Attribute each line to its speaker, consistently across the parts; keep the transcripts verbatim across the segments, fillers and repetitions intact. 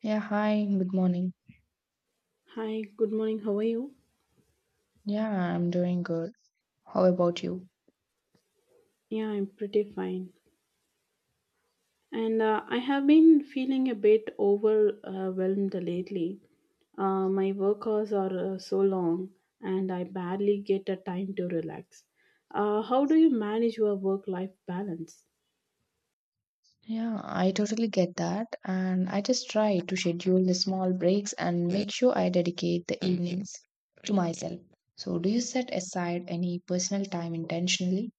Speaker 1: Yeah, hi, good morning.
Speaker 2: Hi, good morning. How are you?
Speaker 1: Yeah, I'm doing good. How about you?
Speaker 2: Yeah, I'm pretty fine. And uh, I have been feeling a bit overwhelmed lately. Uh, my work hours are uh, so long and I barely get a time to relax. Uh, how do you manage your work life balance?
Speaker 1: Yeah, I totally get that. And I just try to schedule the small breaks and make sure I dedicate the evenings to myself. So, do you set aside any personal time intentionally?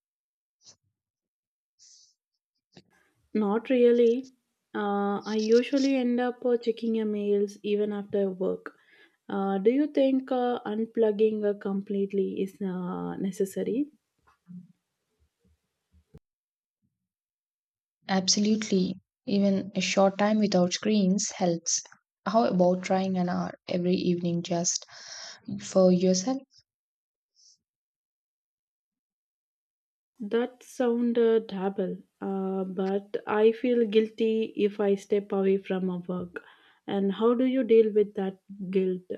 Speaker 2: Not really. Uh, I usually end up uh, checking emails even after work. Uh, do you think uh, unplugging uh, completely is uh, necessary?
Speaker 1: Absolutely. Even a short time without screens helps. How about trying an hour every evening just for yourself?
Speaker 2: That sound uh, double, uh, but I feel guilty if I step away from a work. And how do you deal with that guilt?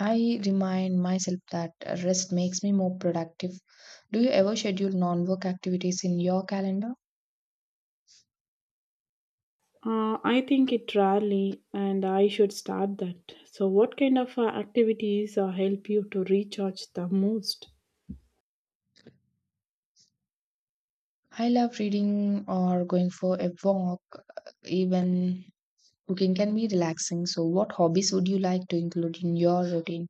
Speaker 1: I remind myself that rest makes me more productive. Do you ever schedule non work activities in your calendar?
Speaker 2: Uh, I think it rarely, and I should start that. So, what kind of uh, activities uh, help you to recharge the most?
Speaker 1: I love reading or going for a walk, even cooking can be relaxing. So, what hobbies would you like to include in your routine?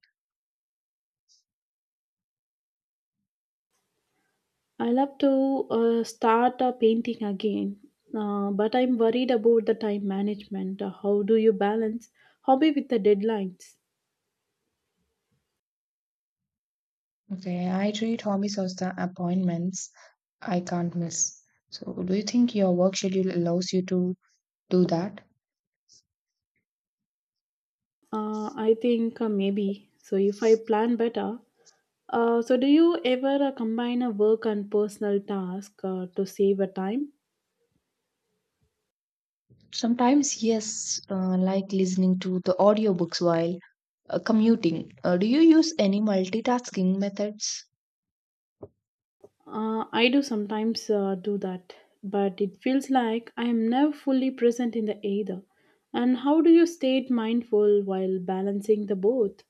Speaker 2: I love to uh, start uh, painting again, uh, but I'm worried about the time management. Uh, How do you balance hobby with the deadlines?
Speaker 1: Okay, I treat hobbies as the appointments I can't miss. So, do you think your work schedule allows you to do that?
Speaker 2: Uh, I think uh, maybe. So if I plan better, uh, so do you ever uh, combine a work and personal task uh, to save a time?
Speaker 1: Sometimes, yes, uh, like listening to the audiobooks while uh, commuting. Uh, do you use any multitasking methods?
Speaker 2: Uh, I do sometimes uh, do that, but it feels like I am never fully present in the either. And how do you stay mindful while balancing the both?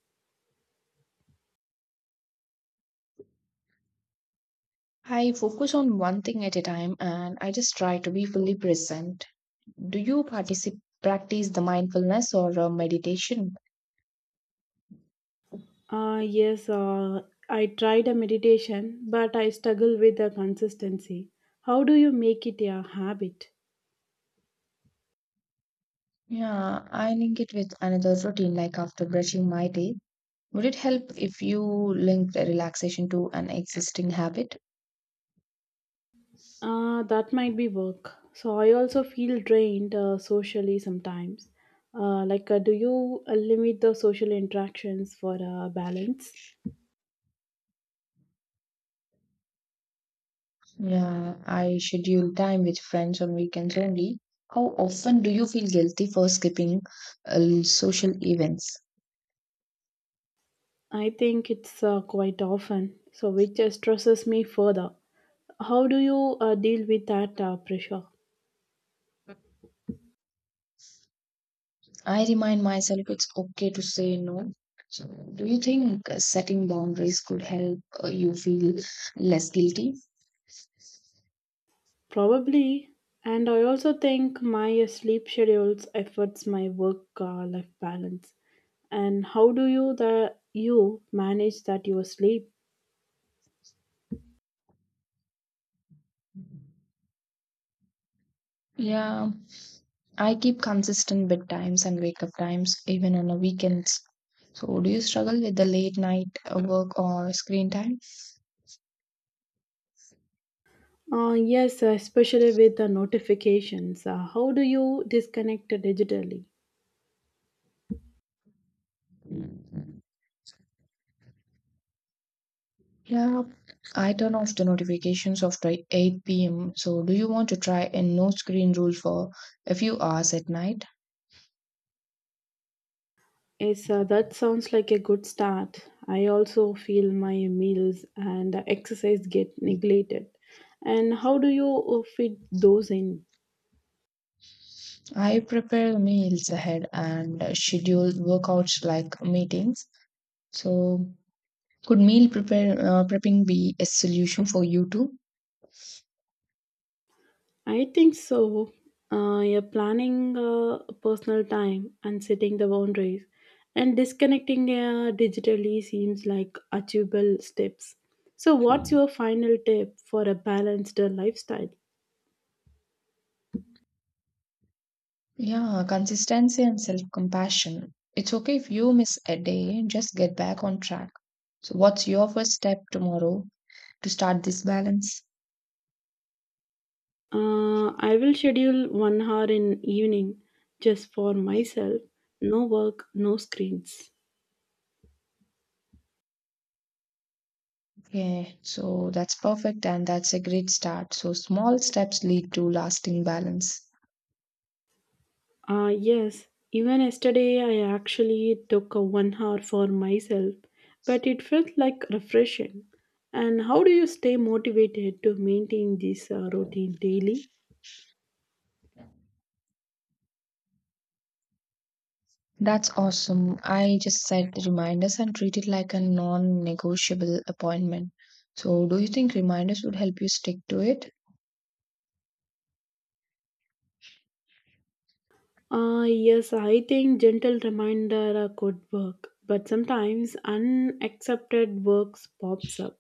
Speaker 1: I focus on one thing at a time and I just try to be fully present. Do you participate, practice the mindfulness or uh, meditation?
Speaker 2: Uh, yes, uh, I tried a meditation, but I struggle with the consistency. How do you make it a habit?
Speaker 1: Yeah, I link it with another routine, like after brushing my teeth. Would it help if you link the relaxation to an existing habit?
Speaker 2: Uh, that might be work. So I also feel drained uh, socially sometimes. Uh, like, uh, do you uh, limit the social interactions for uh, balance?
Speaker 1: Yeah, I schedule time with friends on weekends only. How often do you feel guilty for skipping uh, social events?
Speaker 2: I think it's uh, quite often, so which uh, stresses me further. How do you uh, deal with that uh, pressure?
Speaker 1: I remind myself it's okay to say no. So, do you think uh, setting boundaries could help uh, you feel less guilty?
Speaker 2: Probably. And I also think my uh, sleep schedules affects my work uh, life balance. And how do you the you manage that your sleep?
Speaker 1: Yeah, I keep consistent bedtimes and wake up times even on the weekends. So, do you struggle with the late night uh, work or screen time?
Speaker 2: Uh, yes, uh, especially with the notifications. Uh, how do you disconnect digitally?
Speaker 1: Yeah, I turn off the notifications after eight p m. So, do you want to try a no screen rule for a few hours at night?
Speaker 2: Yes, uh, that sounds like a good start. I also feel my meals and exercise get neglected. And how do you uh, fit those in?
Speaker 1: I prepare meals ahead and schedule workouts like meetings. So, could meal prepare uh, prepping be a solution for you too?
Speaker 2: I think so. Uh, you're planning uh, personal time and setting the boundaries, and disconnecting uh, digitally seems like achievable steps. So, what's your final tip for a balanced uh, lifestyle?
Speaker 1: Yeah, consistency and self-compassion. It's okay if you miss a day, just get back on track. So, what's your first step tomorrow to start this balance?
Speaker 2: Uh, I will schedule one hour in evening just for myself. No work, no screens.
Speaker 1: Yeah, so that's perfect and that's a great start. So small steps lead to lasting balance.
Speaker 2: Uh, yes, even yesterday I actually took a one hour for myself, but it felt like refreshing. And how do you stay motivated to maintain this uh, routine daily?
Speaker 1: That's awesome. I just set the reminders and treat it like a non-negotiable appointment. So do you think reminders would help you stick to it?
Speaker 2: Uh, yes, I think gentle reminder uh, could work, but sometimes unaccepted works pops up.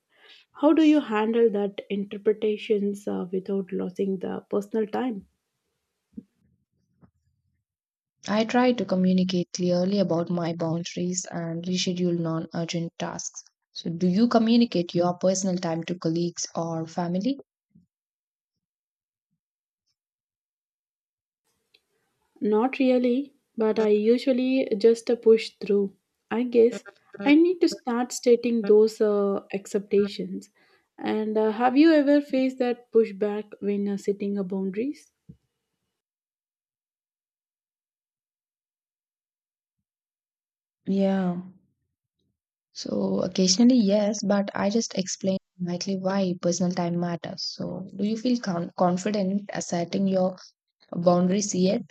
Speaker 2: How do you handle that interpretations uh, without losing the personal time?
Speaker 1: I try to communicate clearly about my boundaries and reschedule non-urgent tasks. So do you communicate your personal time to colleagues or family?
Speaker 2: Not really, but I usually just uh, push through. I guess I need to start stating those uh, expectations. And uh, have you ever faced that pushback when uh, setting uh, boundaries?
Speaker 1: Yeah. So occasionally, yes, but I just explain likely why personal time matters. So do you feel con- confident asserting your boundaries yet?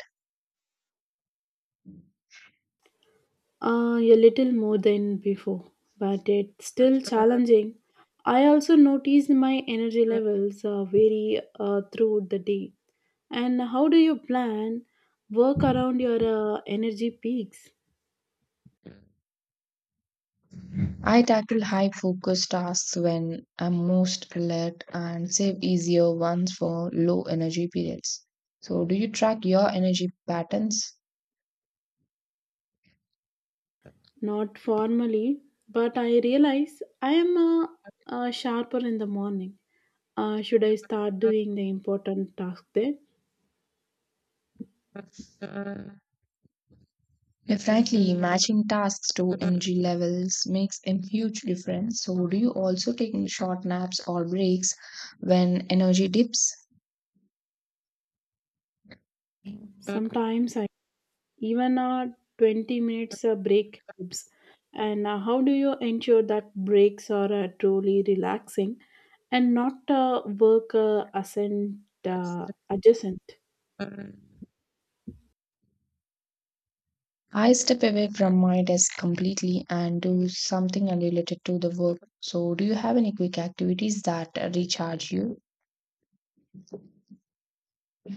Speaker 2: Uh, a little more than before, but it's still challenging. I also noticed my energy levels uh, vary uh, throughout the day. And how do you plan work around your uh, energy peaks?
Speaker 1: I tackle high focus tasks when I'm most alert and save easier ones for low energy periods. So do you track your energy patterns?
Speaker 2: Not formally, but I realize I am uh, uh, sharper in the morning. Uh, should I start doing the important task there?
Speaker 1: Yeah, frankly, matching tasks to energy levels makes a huge difference. So do you also take short naps or breaks when energy dips?
Speaker 2: Sometimes I even a twenty minutes uh, break helps. And uh, how do you ensure that breaks are uh, truly relaxing and not uh, work uh, ascent, uh, adjacent?
Speaker 1: I step away from my desk completely and do something unrelated to the work. So, do you have any quick activities that recharge you?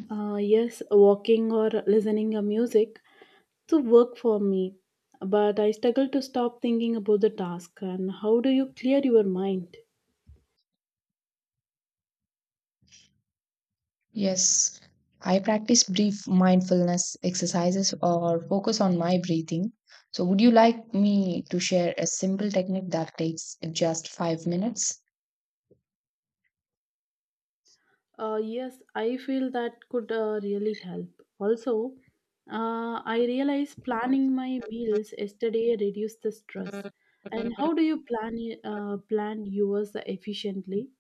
Speaker 2: Uh, yes, walking or listening to music to work for me, but I struggle to stop thinking about the task. And how do you clear your mind?
Speaker 1: Yes, I practice brief mindfulness exercises or focus on my breathing. So, would you like me to share a simple technique that takes just five minutes?
Speaker 2: Uh, yes, I feel that could uh, really help. Also, uh, I realized planning my meals yesterday reduced the stress. And how do you plan y- uh, plan yours efficiently?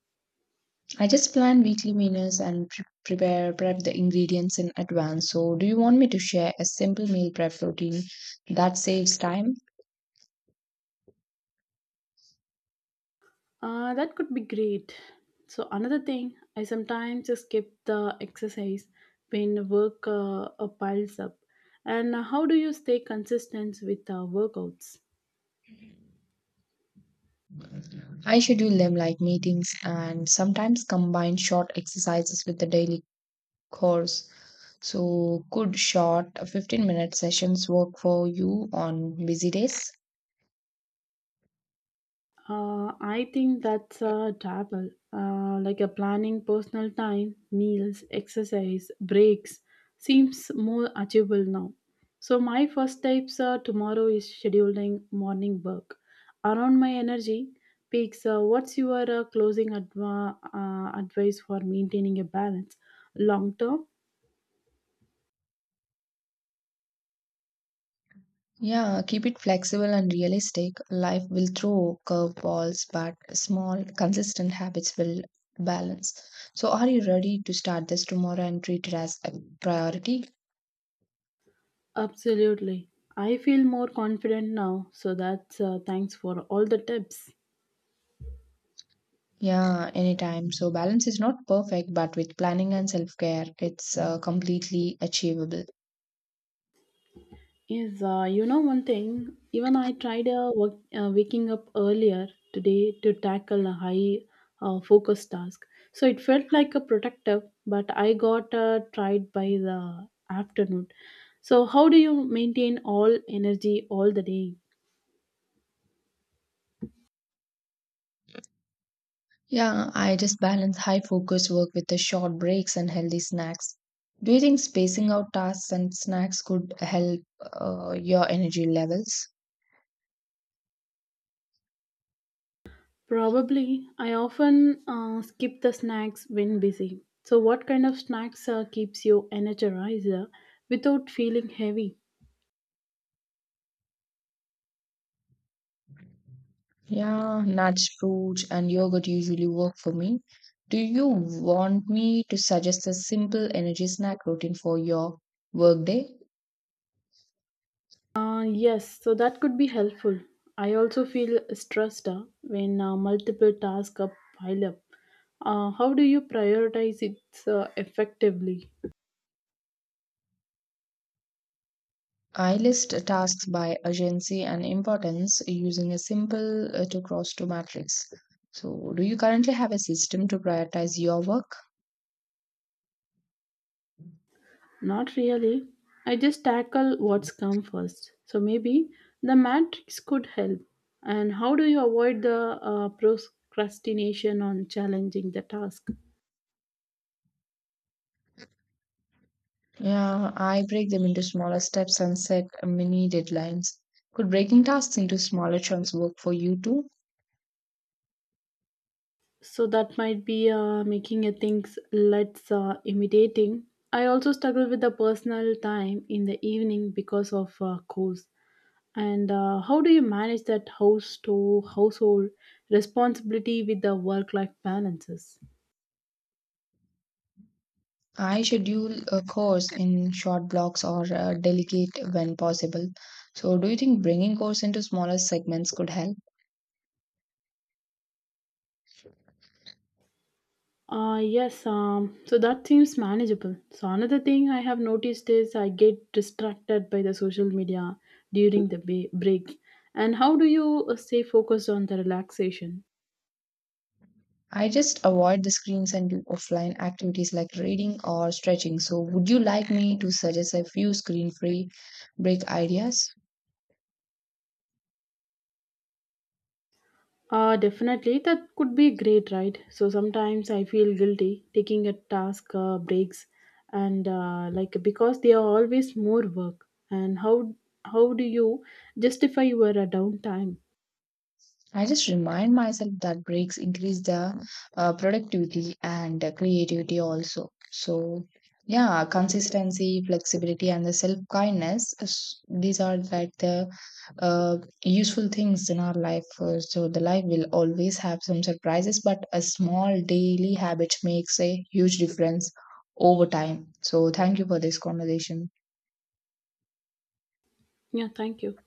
Speaker 1: I just plan weekly menus and pre- prepare prep the ingredients in advance. So, do you want me to share a simple meal prep routine that saves time?
Speaker 2: Uh, that could be great. So another thing, I sometimes skip the exercise when work uh, uh, piles up. And how do you stay consistent with uh, workouts?
Speaker 1: I schedule them like meetings and sometimes combine short exercises with the daily course. So, could short fifteen minute sessions work for you on busy days?
Speaker 2: Uh, I think that's a double, uh, like a planning personal time, meals, exercise, breaks seems more achievable now. So my first steps uh, tomorrow is scheduling morning work around my energy peaks. Uh, what's your uh, closing adva- uh, advice for maintaining a balance long term?
Speaker 1: Yeah, keep it flexible and realistic. Life will throw curveballs, but small, consistent habits will balance. So, are you ready to start this tomorrow and treat it as a priority?
Speaker 2: Absolutely, I feel more confident now. So that's uh, thanks for all the tips.
Speaker 1: Yeah, anytime. So, balance is not perfect, but with planning and self care, it's uh, completely achievable.
Speaker 2: Yes, uh, you know one thing, even I tried uh, work, uh, waking up earlier today to tackle a high uh, focus task. So it felt like a protective, but I got uh, tried by the afternoon. So how do you maintain all energy all the day?
Speaker 1: Yeah, I just balance high focus work with the short breaks and healthy snacks. Do you think spacing out tasks and snacks could help uh, your energy levels?
Speaker 2: Probably, I often uh, skip the snacks when busy. So what kind of snacks uh, keeps you energized uh, without feeling heavy?
Speaker 1: Yeah, nuts, fruits, and yogurt usually work for me. Do you want me to suggest a simple energy snack routine for your workday?
Speaker 2: Uh, yes, so that could be helpful. I also feel stressed uh, when uh, multiple tasks are pile up. Uh, how do you prioritize it uh, effectively?
Speaker 1: I list tasks by urgency and importance using a simple uh, to cross to matrix. So, do you currently have a system to prioritize your work?
Speaker 2: Not really. I just tackle what's come first. So maybe the matrix could help. And how do you avoid the uh, procrastination on challenging the task?
Speaker 1: Yeah, I break them into smaller steps and set uh, mini deadlines. Could breaking tasks into smaller chunks work for you too?
Speaker 2: So that might be uh, making a things let's uh, imitating. I also struggle with the personal time in the evening because of uh, course and uh, how do you manage that house to household responsibility with the work life balances.
Speaker 1: I schedule a course in short blocks or uh, delegate when possible. So, do you think bringing course into smaller segments could help?
Speaker 2: Uh, yes um, so that seems manageable. So another thing I have noticed is I get distracted by the social media during the ba- break. And how do you uh, stay focused on the relaxation?
Speaker 1: I just avoid the screens and do offline activities like reading or stretching. So, would you like me to suggest a few screen-free break ideas?
Speaker 2: Uh, definitely, that could be great, right? So sometimes I feel guilty taking a task uh, breaks, and uh, like because they are always more work. And how how do you justify your uh, downtime?
Speaker 1: I just remind myself that breaks increase the uh, productivity and uh, creativity also. So, yeah, consistency, flexibility, and the self kindness. These are like the uh, useful things in our life. Uh, So, the life will always have some surprises, but a small daily habit makes a huge difference over time. So, thank you for this conversation.
Speaker 2: Yeah, thank you.